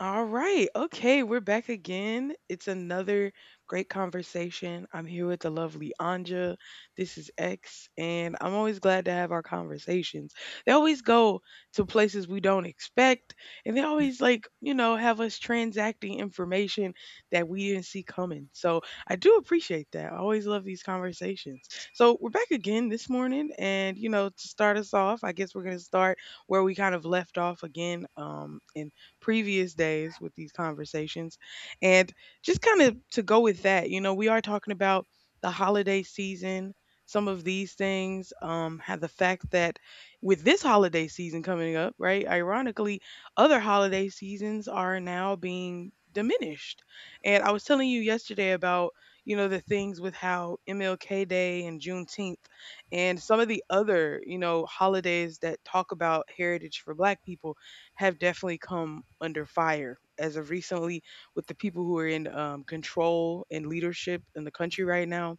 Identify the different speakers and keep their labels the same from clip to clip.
Speaker 1: All right. Okay. We're back again. It's another great conversation. I'm here with the lovely Anja. This is X, and I'm always glad to have our conversations. They always go to places we don't expect, and they always, like, have us transacting information that we didn't see coming. So I do appreciate that. I always love these conversations. So we're back again this morning, and, you know, to start us off, I guess we're going to start where we kind of left off again in previous days with these conversations. And just kind of to go with that, you know, we are talking about the holiday season, some of these things, have the fact that with this holiday season coming up, right? Ironically, other holiday seasons are now being diminished. And I was telling you yesterday about, you know, the things with how MLK Day and Juneteenth and some of the other, you know, holidays that talk about heritage for Black people have definitely come under fire as of recently with the people who are in control and leadership in the country right now.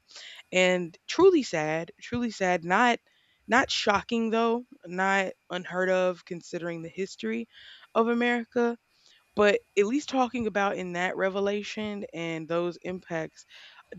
Speaker 1: And truly sad, truly sad. Not shocking though, not unheard of considering the history of America. But at least talking about in that revelation and those impacts,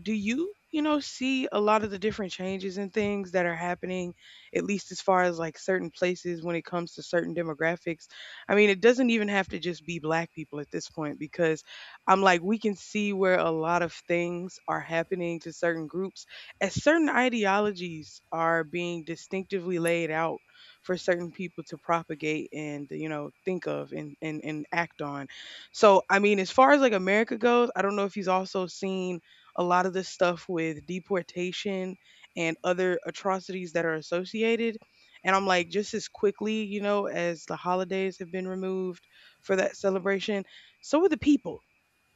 Speaker 1: do you, you know, see a lot of the different changes and things that are happening, at least as far as like certain places when it comes to certain demographics? I mean, it doesn't even have to just be black people at this point because I'm like, we can see where a lot of things are happening to certain groups as certain ideologies are being distinctively laid out for certain people to propagate and, you know, think of and act on. So, I mean, as far as like America goes, I don't know if he's also seen a lot of the stuff with deportation and other atrocities that are associated. And I'm like, just as quickly, you know, as the holidays have been removed for that celebration, so are the people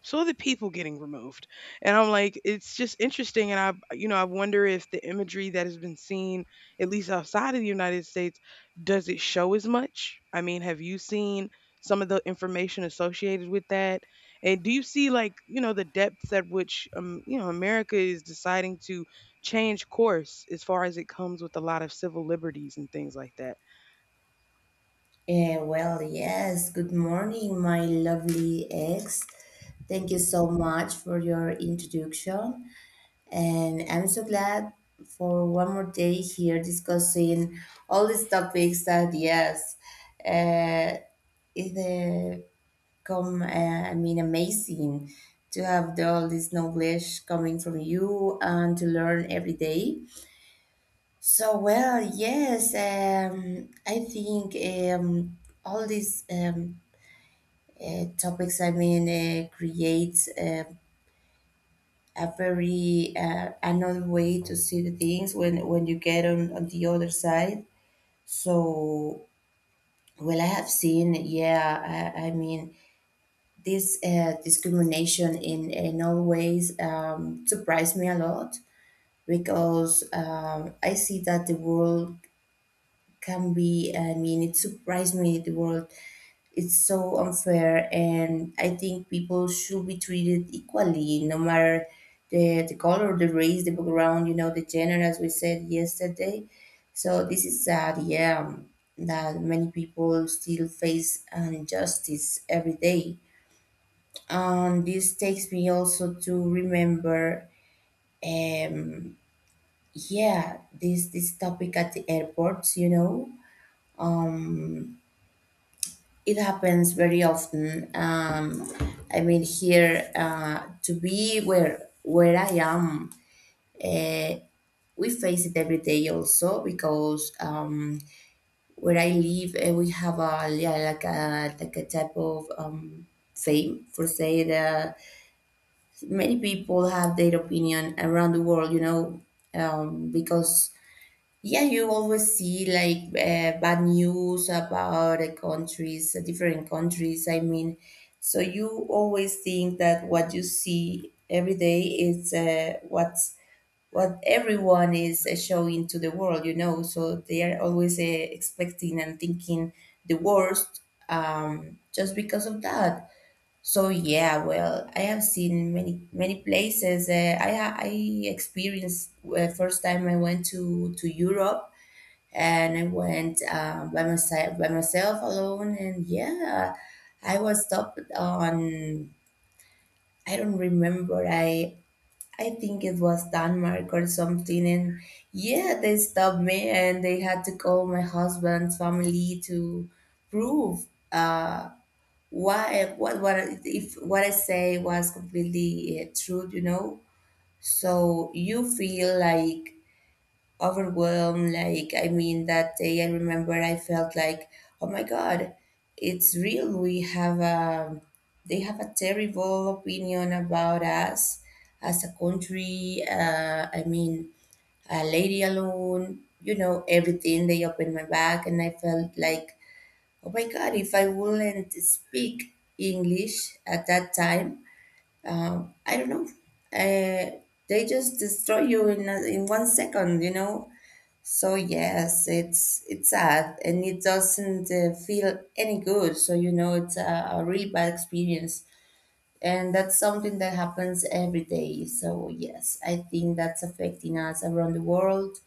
Speaker 1: so are the people getting removed. And I'm like, it's just interesting. And I, you know, I wonder if the imagery that has been seen at least outside of the United States, does it show as much? I mean, have you seen some of the information associated with that? And do you see, like, you know, the depths at which you know, America is deciding to change course as far as it comes with a lot of civil liberties and things like that?
Speaker 2: Well, yes. Good morning, my lovely ex. Thank you so much for your introduction. And I'm so glad for one more day here discussing all these topics that, yes, uh, it uh, come, uh, I mean, amazing to have all this knowledge coming from you and to learn every day. So, well, yes, I think all these topics, I mean, creates a very another way to see the things when you get on the other side. So, well, I have seen, yeah, I mean, this discrimination in all ways surprised me a lot because I see that the world can be, I mean, it surprised me the world, it's so unfair, and I think people should be treated equally no matter the color, the race, the background, you know, the gender, as we said yesterday. So this is sad, yeah, that many people still face an injustice every day. And this takes me also to remember um yeah this topic at the airports, you know. It happens very often. I mean, here, to be where I am, we face it every day also because where I live, we have a, yeah, like a, like a type of fame for say that many people have their opinion around the world, you know, because yeah, you always see like bad news about the countries, different countries. I mean, so you always think that what you see every day is what everyone is showing to the world. You know, so they are always expecting and thinking the worst, just because of that. So yeah, well, I have seen many many places. I experienced, first time I went to Europe, and I went by myself, alone, and yeah, I was stopped on, I don't remember, I think it was Denmark or something, and yeah, they stopped me and they had to call my husband's family to prove, uh why, what if what I say was completely true, you know. So you feel like overwhelmed. Like, I mean, that day I remember I felt like, oh my God, it's real. They have a terrible opinion about us as a country. I mean, a lady alone, you know, everything. They opened my back and I felt like, oh my God, if I wouldn't speak English at that time, I don't know. Uh, they just destroy you in a, in one second, you know. So yes, it's sad and it doesn't feel any good. So you know it's a really bad experience, and that's something that happens every day. So yes, I think that's affecting us around the world.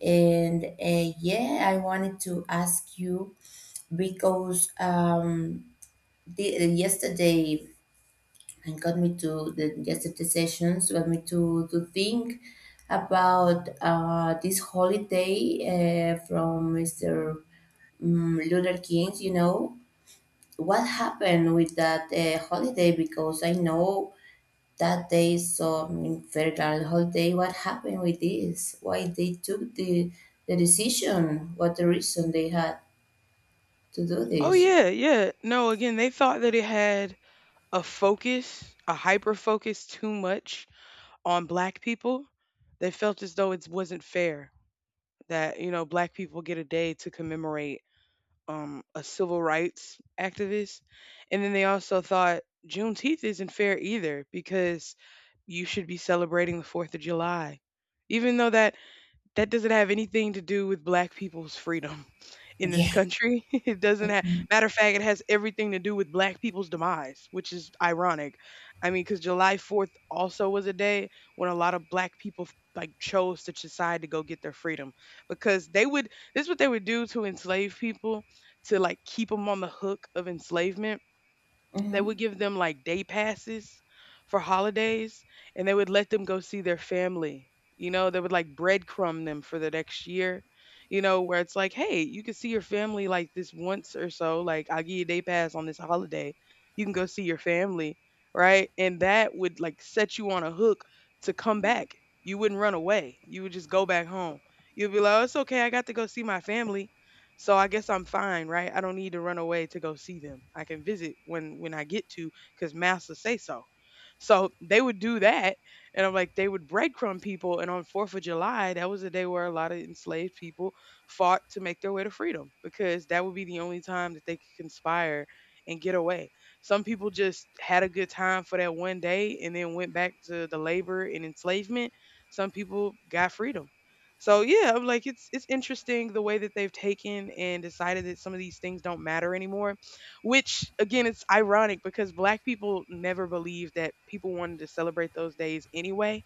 Speaker 2: And yeah, I wanted to ask you because yesterday, and got me to the yesterday sessions got me to think about this holiday from Mr. Luther King. You know what happened with that holiday, because I know that day is so federal holiday. What happened with this? Why they took the decision? What the reason they had to do
Speaker 1: Oh,
Speaker 2: this?
Speaker 1: yeah, yeah, no, again, they thought that it had a focus, a hyper focus too much on black people, they felt as though it wasn't fair that, you know, black people get a day to commemorate a civil rights activist. And then they also thought Juneteenth isn't fair either because you should be celebrating the 4th of July, even though that doesn't have anything to do with black people's freedom in this
Speaker 2: Yeah.
Speaker 1: country. It doesn't have, matter of fact, it has everything to do with black people's demise, which is ironic. I mean, because July 4th also was a day when a lot of black people like chose to decide to go get their freedom because this is what they would do to enslave people, to like keep them on the hook of enslavement. They
Speaker 2: Hmm.
Speaker 1: would give them like day passes for holidays, and they would let them go see their family. You know, they would like breadcrumb them for the next year, you know, where it's like, hey, you can see your family like this once or so. Like, I'll give you a day pass on this holiday. You can go see your family, right? And that would like set you on a hook to come back. You wouldn't run away. You would just go back home. You'd be like, oh, it's okay. I got to go see my family. So I guess I'm fine, right? I don't need to run away to go see them. I can visit when I get to because master say so. So they would do that, and I'm like, they would breadcrumb people. And on 4th of July, that was a day where a lot of enslaved people fought to make their way to freedom because that would be the only time that they could conspire and get away. Some people just had a good time for that one day and then went back to the labor and enslavement. Some people got freedom. So yeah, I'm like, it's interesting the way that they've taken and decided that some of these things don't matter anymore, which again, it's ironic because black people never believed that people wanted to celebrate those days anyway.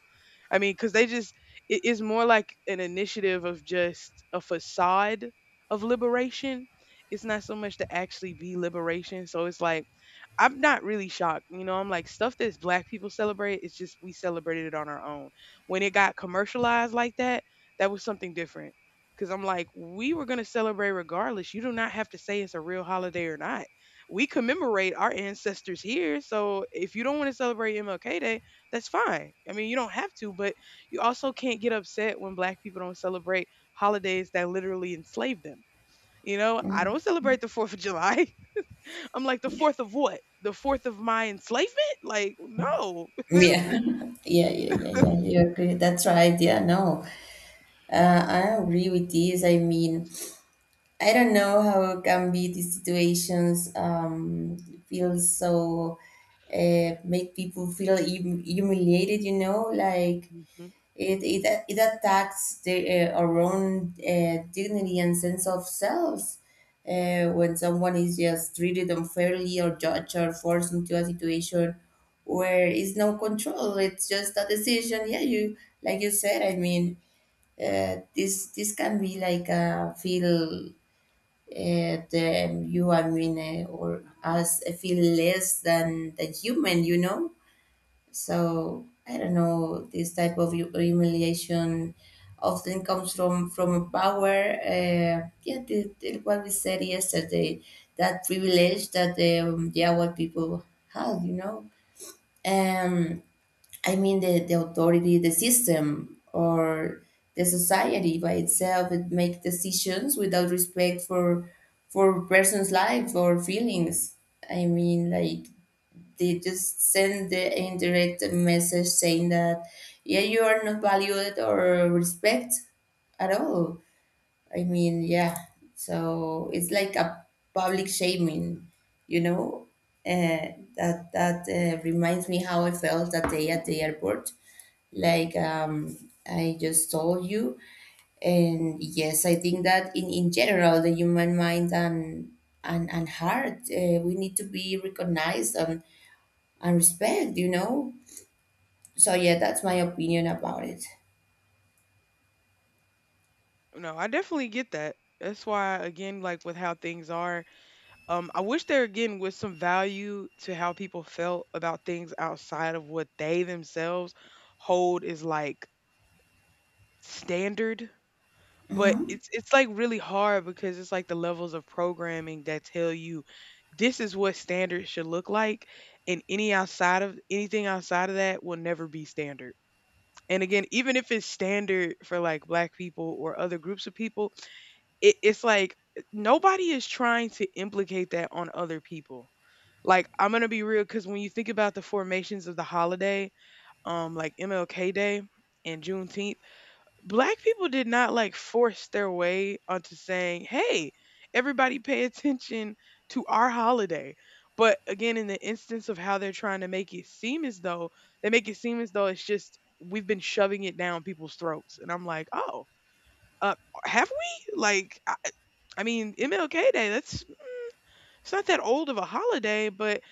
Speaker 1: I mean, because they just, it is more like an initiative of just a facade of liberation. It's not so much to actually be liberation. So it's like, I'm not really shocked. You know, I'm like, stuff that's black people celebrate, it's just we celebrated it on our own. When it got commercialized like that, that was something different. Cause I'm like, we were gonna celebrate regardless. You do not have to say it's a real holiday or not. We commemorate our ancestors here. So if you don't want to celebrate MLK Day, that's fine. I mean, you don't have to, but you also can't get upset when black people don't celebrate holidays that literally enslave them. You know, I don't celebrate the 4th of July. I'm like, the 4th of what? The 4th of my enslavement? Like, no. This-
Speaker 2: Yeah. yeah, yeah, yeah, yeah. You agree? That's right. Yeah, no. I agree with this. I mean, I don't know how can be these situations, feel so, make people feel humiliated. You know, like
Speaker 1: Mhm.
Speaker 2: it attacks the, our own dignity and sense of selves, when someone is just treated unfairly or judged or forced into a situation where is no control. It's just a decision. Yeah, you like you said. I mean, this can be like a feel, the you I mean, or us feel less than the human, you know. So I don't know this type of humiliation often comes from a power, yeah, the, what we said yesterday, that privilege that the Awad people have, you know. um I mean the authority, the system, or the society by itself it make decisions without respect for person's life or feelings. I mean, like, they just send the indirect message saying that yeah, you are not valued or respect at all. I mean, yeah. So it's like a public shaming, you know. That reminds me how I felt that day at the airport. Like, I just told you, and yes, I think that in general, the human mind and and heart, we need to be recognized and respect, you know. So yeah, that's my opinion about it.
Speaker 1: No, I definitely get that. That's why, again, like with how things are, I wish there again was some value to how people felt about things outside of what they themselves hold is like standard. But
Speaker 2: Hmm.
Speaker 1: it's like really hard because it's like the levels of programming that tell you this is what standards should look like, and anything outside of that will never be standard. And again, even if it's standard for like black people or other groups of people, it's like nobody is trying to implicate that on other people. Like, I'm gonna be real because when you think about the formations of the holiday, like MLK Day and Juneteenth, black people did not like force their way onto saying, "Hey, everybody pay attention to our holiday." But again, in the instance of how they're trying to make it seem as though, it's just we've been shoving it down people's throats, and I'm like, "Oh, uh, have we?" Like, I mean, MLK Day. That's, it's not that old of a holiday, but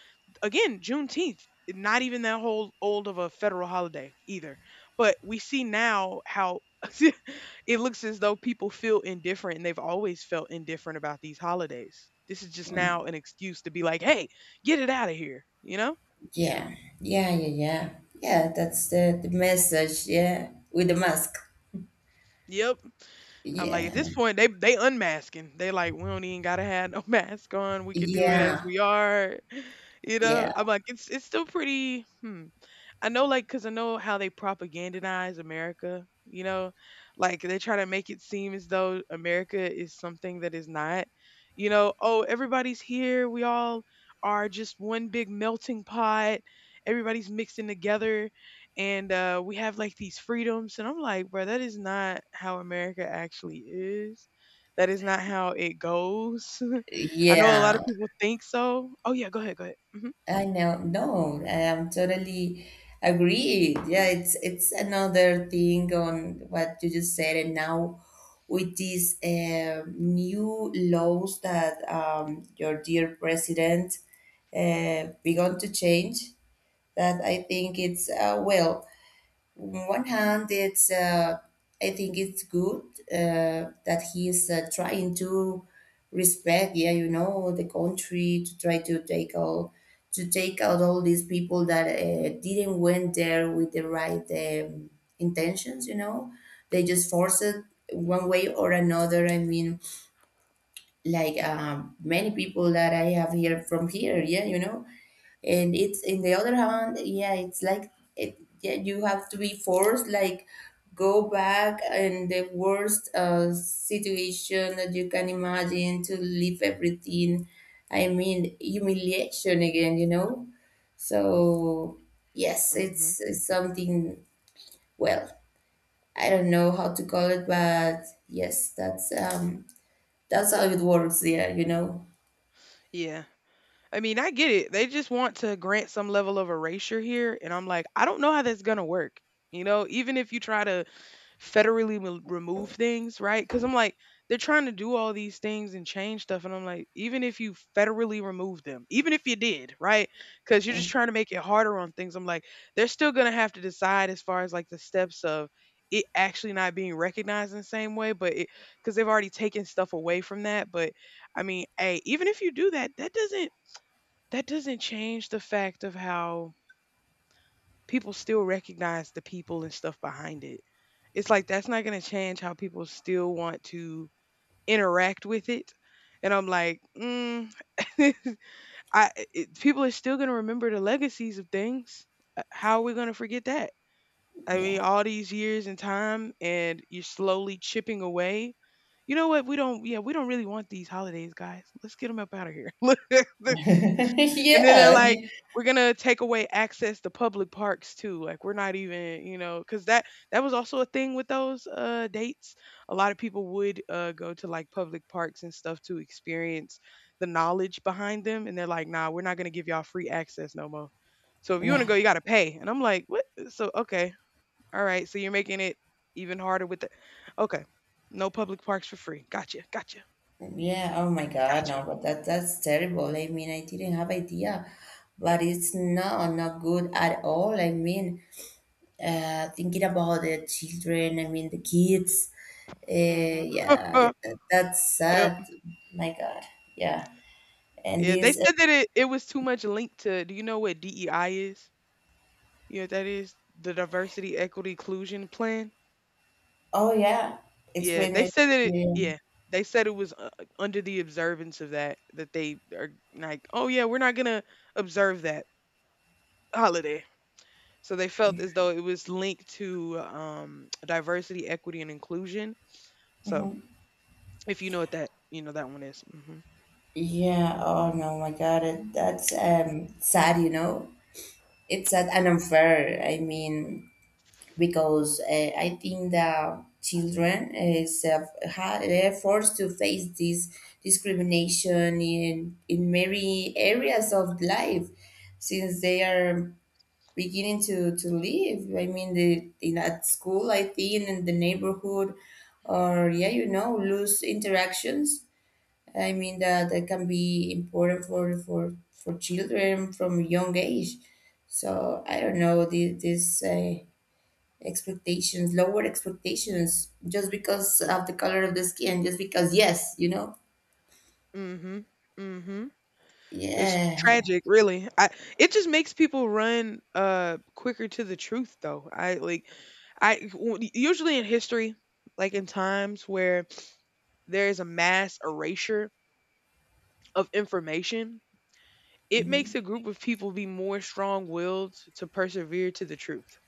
Speaker 1: again, Juneteenth, not even that whole old of a federal holiday either. But we see now how it looks as though people feel indifferent and they've always felt indifferent about these holidays. This is just now an excuse to be like, hey, get it out of here, you know?
Speaker 2: Yeah, yeah, yeah, yeah. Yeah, that's the message, yeah, with the mask.
Speaker 1: Yep. I'm like, at
Speaker 2: Yeah,
Speaker 1: this point, they unmasking. They like, we don't even gotta have no mask on. We could do it as
Speaker 2: yeah,
Speaker 1: we are. You know,
Speaker 2: yeah,
Speaker 1: I'm like, it's still pretty. Hmm. I know, like, because I know how they propagandize America, you know, like they try to make it seem as though America is something that is not, you know, oh, everybody's here. We all are just one big melting pot. Everybody's mixing together, and we have like these freedoms. And I'm like, bro, that is not how America actually is. That is not how it goes. I know a lot
Speaker 2: yeah.
Speaker 1: of people think so. Oh, yeah, go ahead. Hmm.
Speaker 2: I know. No, I am totally agreed. Yeah, it's another thing on what you just said, and now with these new laws that your dear president begun to change, that I think it's well. On one hand, it's I think it's good that he is trying to respect, yeah, you know, the country to try to take all to take out all these people that didn't went there with the right intentions. You know, they just forced it one way or another. I mean, like, many people that I have here from here, yeah, you know. And it's in the other hand, yeah, it's like it, yeah, you have to be forced like go back in the worst situation that you can imagine to leave everything. I mean, humiliation again, you know. So yes,
Speaker 1: Hmm.
Speaker 2: it's something, well, I don't know how to call it, but yes, that's how it works there, you know.
Speaker 1: Yeah. I mean, I get it. They just want to grant some level of erasure here. And I'm like, I don't know how that's going to work. You know, even if you try to federally remove things, right? Because I'm like, they're trying to do all these things and change stuff. And I'm like, even if you federally remove them, even if you did, right? Because you're just trying to make it harder on things. I'm like, they're still going to have to decide as far as like the steps of it actually not being recognized in the same way, but it, because they've already taken stuff away from that. But I mean, hey, even if you do that, that doesn't change the fact of how people still recognize the people and stuff behind it. It's like that's not going to change how people still want to interact with it. And I'm like, mm, people are still going to remember the legacies of things. How are we going to forget that? I mean,
Speaker 2: Yeah.
Speaker 1: all these years and time, and you're slowly chipping away. You know what? We don't. Yeah, we don't really want these holidays, guys. Let's get them up out of here. And then they're like, "We're gonna take away access to public parks too. Like we're not even, because that was also a thing with those dates. A lot of people would go to like public parks and stuff to experience the knowledge behind them, and they're like, "Nah, we're not gonna give y'all free access no more. So if you wanna
Speaker 2: yeah.
Speaker 1: go, you gotta pay." And I'm like, "What? So okay, all right. So you're making it even harder with the okay, no public parks for free. Gotcha, gotcha,
Speaker 2: Yeah, oh my God,
Speaker 1: gotcha.
Speaker 2: no, but that that's terrible. I mean, I didn't have idea, but it's not not good at all. I mean, thinking about the children, I mean the kids.
Speaker 1: Mm-hmm.
Speaker 2: Yeah, that's sad. My God, yeah. And
Speaker 1: Yeah, they
Speaker 2: this,
Speaker 1: said that it was too much linked to, do you know what DEI is? You know what that is? The Diversity, Equity, Inclusion Plan.
Speaker 2: oh yeah,
Speaker 1: Yeah,
Speaker 2: explain
Speaker 1: they
Speaker 2: me.
Speaker 1: said that it,
Speaker 2: Yeah.
Speaker 1: yeah, they said it was under the observance of that, that they are like, oh yeah, we're not gonna observe that holiday. So they felt as though it was linked to diversity, equity, and inclusion. So
Speaker 2: Mhm.
Speaker 1: if you know what that, you know that one is. Mm-hmm.
Speaker 2: Yeah, oh no, my God, that's sad, you know. It's sad and unfair. I mean, because I think that children is they're forced to face this discrimination in many areas of life since they are beginning to live. I mean, the, in at school, I think in the neighborhood, or yeah, you know, loose interactions. I mean, that that can be important for children from young age. So I don't know this. Lower expectations, just because of the color of the skin, just because, yes, you know?
Speaker 1: Mm-hmm. Mm-hmm. It's
Speaker 2: Yeah.
Speaker 1: tragic, really. I It just makes people run quicker to the truth though. I like I w- Usually in history, like in times where there is a mass erasure of information, it makes
Speaker 2: Hmm.
Speaker 1: a group of people be more strong-willed to persevere to the truth.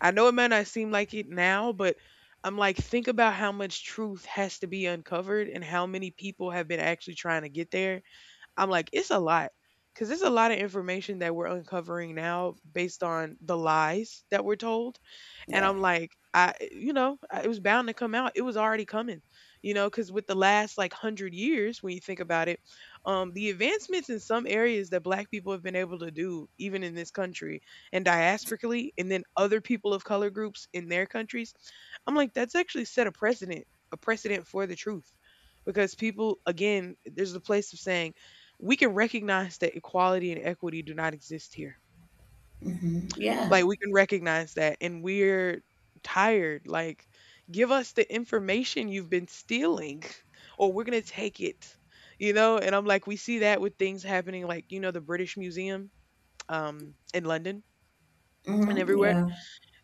Speaker 1: I know it might not seem like it now, but I'm like, think about how much truth has to be uncovered and how many people have been actually trying to get there. I'm like, it's a lot because it's a lot of information that we're uncovering now based on the lies that we're told. And
Speaker 2: Yeah.
Speaker 1: I'm like, it was bound to come out. It was already coming, you know, because with the last like hundred years, when you think about it, the advancements in some areas that Black people have been able to do, even in this country and diasporically, and then other people of color groups in their countries. I'm like, that's actually set a precedent for the truth. Because people, again, there's a place of saying, we can recognize that equality and equity do not exist here.
Speaker 2: Yeah.
Speaker 1: Like, we can recognize that, and we're tired. Like, give us the information you've been stealing, or we're going to take it, you know? And I'm like, we see that with things happening, like, you know, the British Museum in London and
Speaker 2: Hmm.
Speaker 1: everywhere.
Speaker 2: Yeah.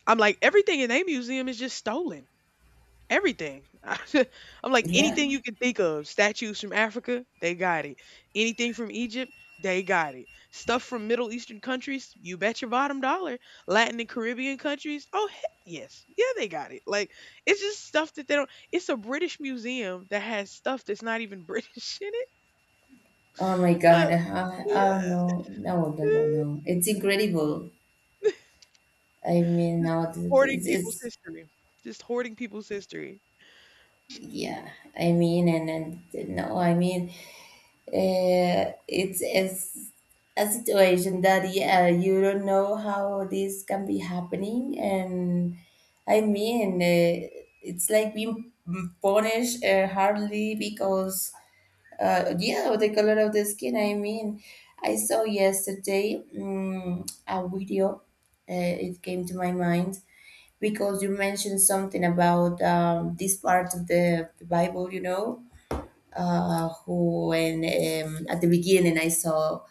Speaker 1: I'm like, everything in their museum is just stolen. Everything. I'm like,
Speaker 2: Yeah.
Speaker 1: anything you can think of. Statues from Africa, they got it. Anything from Egypt, they got it. Stuff from Middle Eastern countries, you bet your bottom dollar. Latin and Caribbean countries, oh heck yes, yeah, they got it. Like, it's just stuff that they don't. It's a British museum that has stuff that's not even British in it.
Speaker 2: Oh my God.
Speaker 1: Uh,
Speaker 2: I,
Speaker 1: yeah,
Speaker 2: oh no. No, no, no,
Speaker 1: uh,
Speaker 2: no. It's incredible. I mean,
Speaker 1: just
Speaker 2: no,
Speaker 1: hoarding people's
Speaker 2: it's
Speaker 1: history. Just hoarding people's history.
Speaker 2: yeah. I mean, and no, I mean, it's as a situation that yeah, you don't know how this can be happening, and I mean, it's like being punished hardly because yeah, with the color of the skin. I mean, I saw yesterday a video. It came to my mind because you mentioned something about this part of the Bible, you know, who when at the beginning I saw,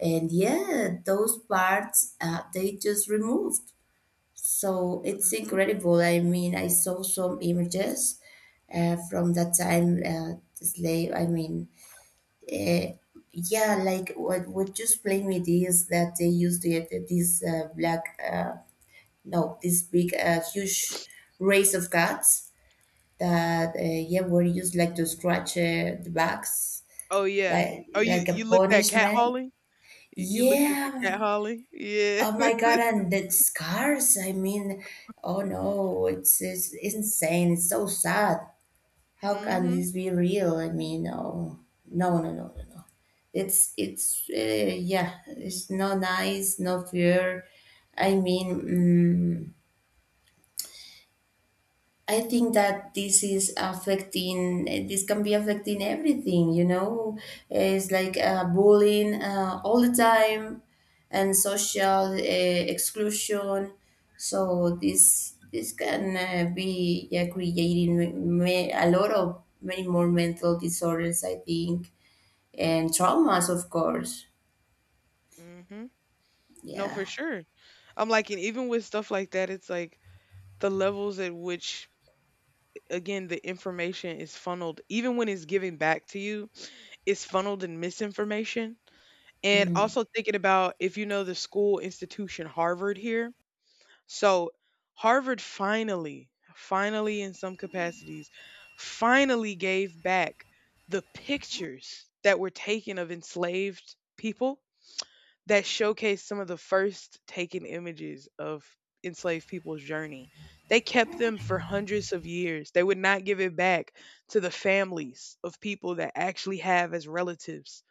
Speaker 2: and yeah, those parts they just removed. So it's
Speaker 1: hmm
Speaker 2: incredible. I mean, I saw some images from that time. Slave. I mean, uh, yeah, like what just played me this that they used to get this black no this big huge race of cats that yeah, were used like to scratch the backs
Speaker 1: Oh yeah. Oh,
Speaker 2: like a
Speaker 1: you looked at cat.
Speaker 2: punishment.
Speaker 1: Y You looked into Cat
Speaker 2: Yeah.
Speaker 1: Holly? Yeah.
Speaker 2: Oh my God! And the scars. I mean, oh no, it's insane. It's so sad. How can
Speaker 1: Mhm,
Speaker 2: this be real? I mean, oh no, no, no, no, no. It's yeah. It's no nice, no fear. I mean. Mm, I think that this is affecting, this can be affecting everything, you know? It's like bullying all the time and social exclusion. So this can be, yeah, creating a lot of many more mental disorders, I think, and traumas, of course.
Speaker 1: mhm. No,
Speaker 2: Yeah.
Speaker 1: for sure. I'm like, and even with stuff like that, it's like the levels at which, again, the information is funneled, even when it's given back to you, it's funneled in misinformation, and
Speaker 2: Mm.
Speaker 1: also thinking about if you know the school institution Harvard here. So, Harvard finally, finally in some capacities, finally gave back the pictures that were taken of enslaved people that showcased some of the first taken images of enslaved people's journey. They kept them for hundreds of years. They would not give it back to the families of people that actually have as relatives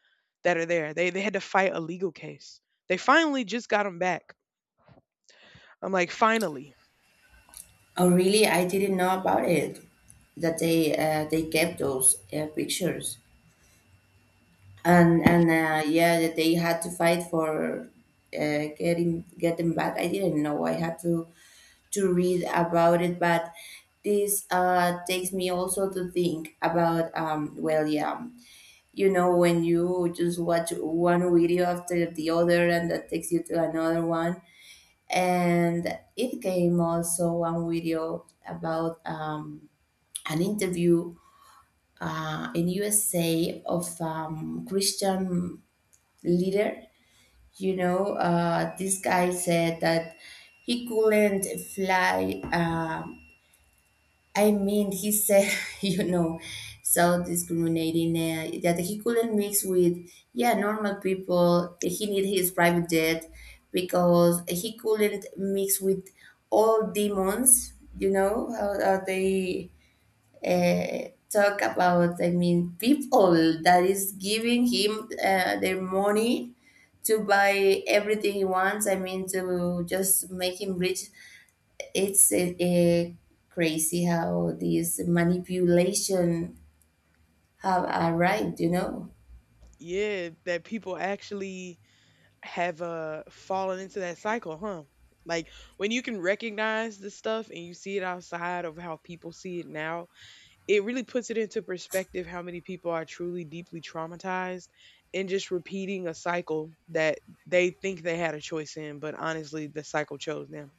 Speaker 1: that are there. They had to fight a legal case. They finally just got them back. I'm like, finally.
Speaker 2: Oh, really? I didn't know about it, that
Speaker 1: Mm.
Speaker 2: they kept those pictures, and yeah, that they had to fight for get them back. I didn't know. I had to read about it. But this takes me also to think about, well, yeah, you know, when you just watch one video after the other and that takes you to another one. And it came also one video about an interview in USA of Christian leader. You know, this guy said that he couldn't fly. I mean, he said, you know, so discriminating that he couldn't mix with, yeah, normal people. That He need his private jet because he couldn't mix with all demons. You know how are they? Talk about, I mean, people that is giving him their money to buy everything he wants, I mean, to just make him rich. It's crazy how this manipulation have arrived, you know.
Speaker 1: Yeah, that people actually have fallen into that cycle, huh? Like, when you can recognize this stuff and you see it outside of how people see it now, it really puts it into perspective how many people are truly deeply traumatized and just repeating a cycle that they think they had a choice in, but honestly, the cycle chose them.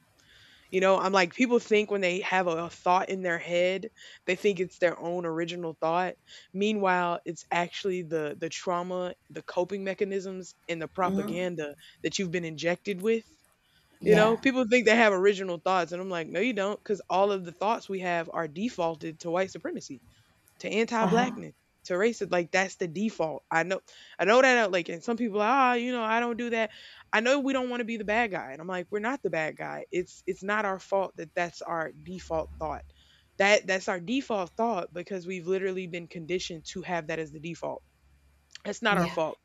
Speaker 1: You know, I'm like, people think when they have a thought in their head, they think it's their own original thought. Meanwhile, it's actually the trauma, the coping mechanisms, and the
Speaker 2: Mm-hmm.
Speaker 1: propaganda that you've been injected with. You know,
Speaker 2: Yeah.
Speaker 1: people think they have original thoughts, and I'm like, no, you don't, because all of the thoughts we have are defaulted to white supremacy, to
Speaker 2: Uh-huh.
Speaker 1: anti-blackness, to racism. Like, that's the default. I know, I know that, like. And some people, ah, you know, I don't do that. I know we don't want to be the bad guy, and I'm like, we're not the bad guy. It's not our fault that that's our default thought, that that's our default thought, because we've literally been conditioned to have that as the default. That's not our
Speaker 2: Yeah.
Speaker 1: fault.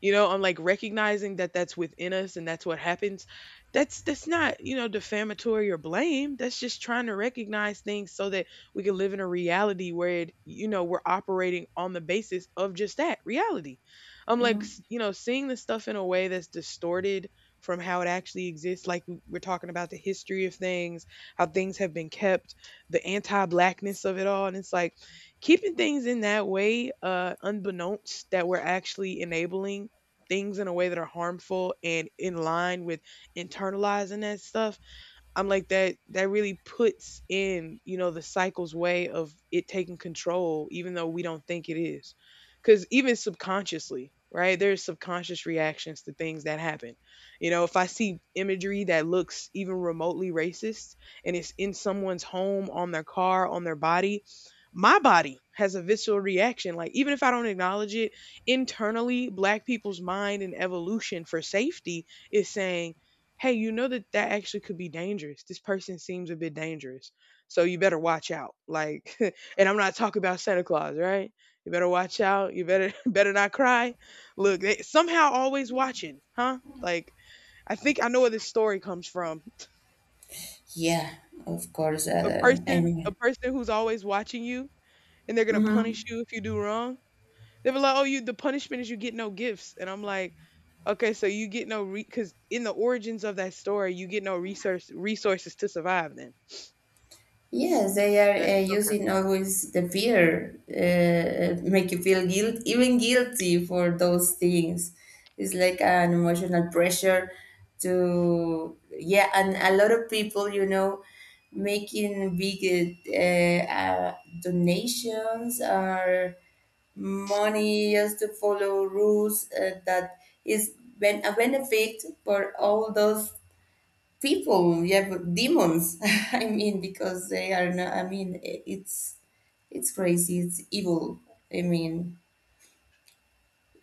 Speaker 1: You know, I'm like, recognizing that that's within us and that's what happens. That's not, you know, defamatory or blame. That's just trying to recognize things so that we can live in a reality where it, you know, we're operating on the basis of just that reality.
Speaker 2: Hmm.
Speaker 1: You know, seeing this stuff in a way that's distorted from how it actually exists. Like, we're talking about the history of things, how things have been kept, the anti-blackness of it all, and it's like keeping things in that way, unbeknownst that we're actually enabling things in a way that are harmful and in line with internalizing that stuff. I'm like, that really puts in, you know, the cycle's way of it taking control even though we don't think it is. Cuz even subconsciously, right? There's subconscious reactions to things that happen. You know, if I see imagery that looks even remotely racist and it's in someone's home, on their car, on their body, my body has a visceral reaction. Like, even if I don't acknowledge it, internally black people's mind and evolution for safety is saying, hey, you know, that that actually could be dangerous. This person seems a bit dangerous. So you better watch out. Like, and I'm not talking about Santa Claus, right? You better watch out. You better better not cry. Look, they somehow always watching, huh? Like, I think I know where this story comes from.
Speaker 2: Yeah. Of course. I
Speaker 1: A
Speaker 2: mean,
Speaker 1: person who's always watching you, and they're gonna punish you if you do wrong. They were like, "Oh, you the punishment is you get no gifts," and I'm like, "Okay, so you get no re because in the origins of that story, you get no resources to survive then."
Speaker 2: yes, they
Speaker 1: That
Speaker 2: are
Speaker 1: okay.
Speaker 2: using always the fear, make you feel guilt, even guilty for those things. It's like an emotional pressure to, yeah, and a lot of people, you know, making big donations or money just to follow rules that is, a benefit for all those people you have demons. I mean, because they are not, I mean, it's crazy, it's evil, I mean.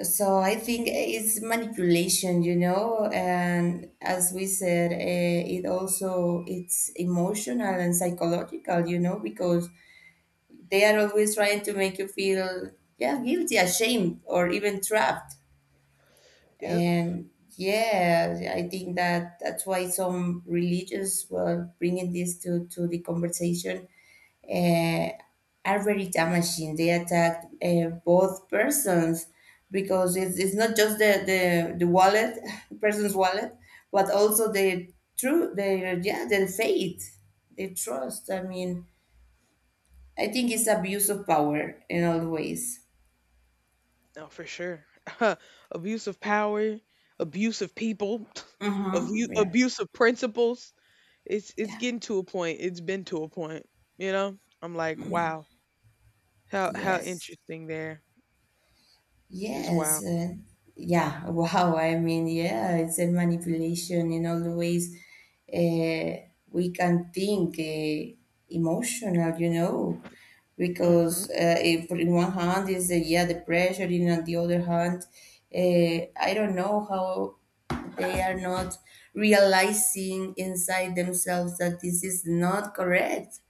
Speaker 2: So I think it's manipulation, you know, and as we said, it also it's emotional and psychological, you know, because they are always trying to make you feel yeah, guilty, ashamed, or even trapped.
Speaker 1: Yep.
Speaker 2: And yeah, I think that that's why some religious were bringing this to the conversation uh, are very damaging. They attack both persons because it's not just the wallet, person's wallet, but also their true, their, yeah, their faith, their trust. I mean, I think it's abuse of power in all ways.
Speaker 1: No, for sure. Abuse of power, abuse of people,
Speaker 2: Mm-hmm. Yeah.
Speaker 1: abuse of principles. It's
Speaker 2: Yeah.
Speaker 1: getting to a point. It's been to a point. You know, I'm like, wow, how
Speaker 2: Yes.
Speaker 1: interesting there. Just
Speaker 2: Yes,
Speaker 1: wow.
Speaker 2: yeah, wow. I mean, yeah, it's a manipulation in all the ways uh, we can think, emotional, you know, because
Speaker 1: Mhm.
Speaker 2: if in one hand is the, yeah, the pressure, in on the other hand, I don't know how they are not realizing inside themselves that this is not correct.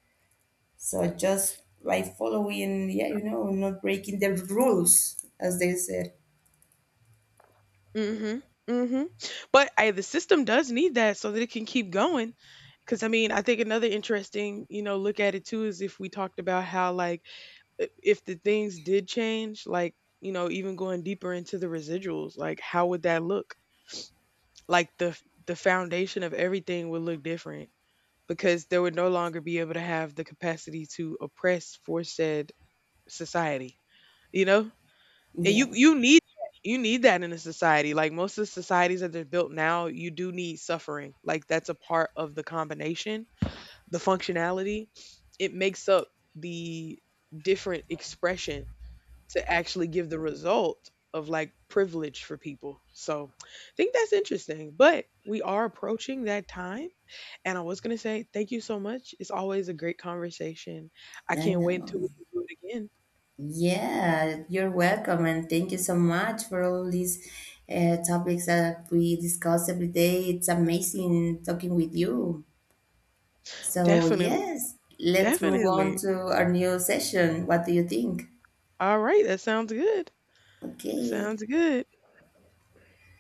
Speaker 2: So just by following, yeah, you know, not breaking the rules, as they said.
Speaker 1: Mhm. Mhm. But I, the system does need that so that it can keep going. Because I mean, I think another interesting, you know, look at it too is if we talked about how like, if the things did change, like, you know, even going deeper into the residuals, like how would that look? Like the the foundation of everything would look different because they would no longer be able to have the capacity to oppress for said society, you know? And
Speaker 2: Yeah,
Speaker 1: you need, you need that in a society. Like, most of the societies that they're built now, you do need suffering. Like that's a part of the combination, the functionality. It makes up the different expression to actually give the result of like privilege for people. So I think that's interesting. But we are approaching that time. And I was going to say, thank you so much. It's always a great conversation. I
Speaker 2: I
Speaker 1: can't wait
Speaker 2: know.
Speaker 1: until we can do it again.
Speaker 2: Yeah, you're welcome, and thank you so much for all these topics that we discuss every day. It's amazing talking with you. So,
Speaker 1: Definitely.
Speaker 2: yes, let's move on
Speaker 1: Definitely.
Speaker 2: to our new session. What do you think?
Speaker 1: All right. That sounds good.
Speaker 2: Okay.
Speaker 1: Sounds good.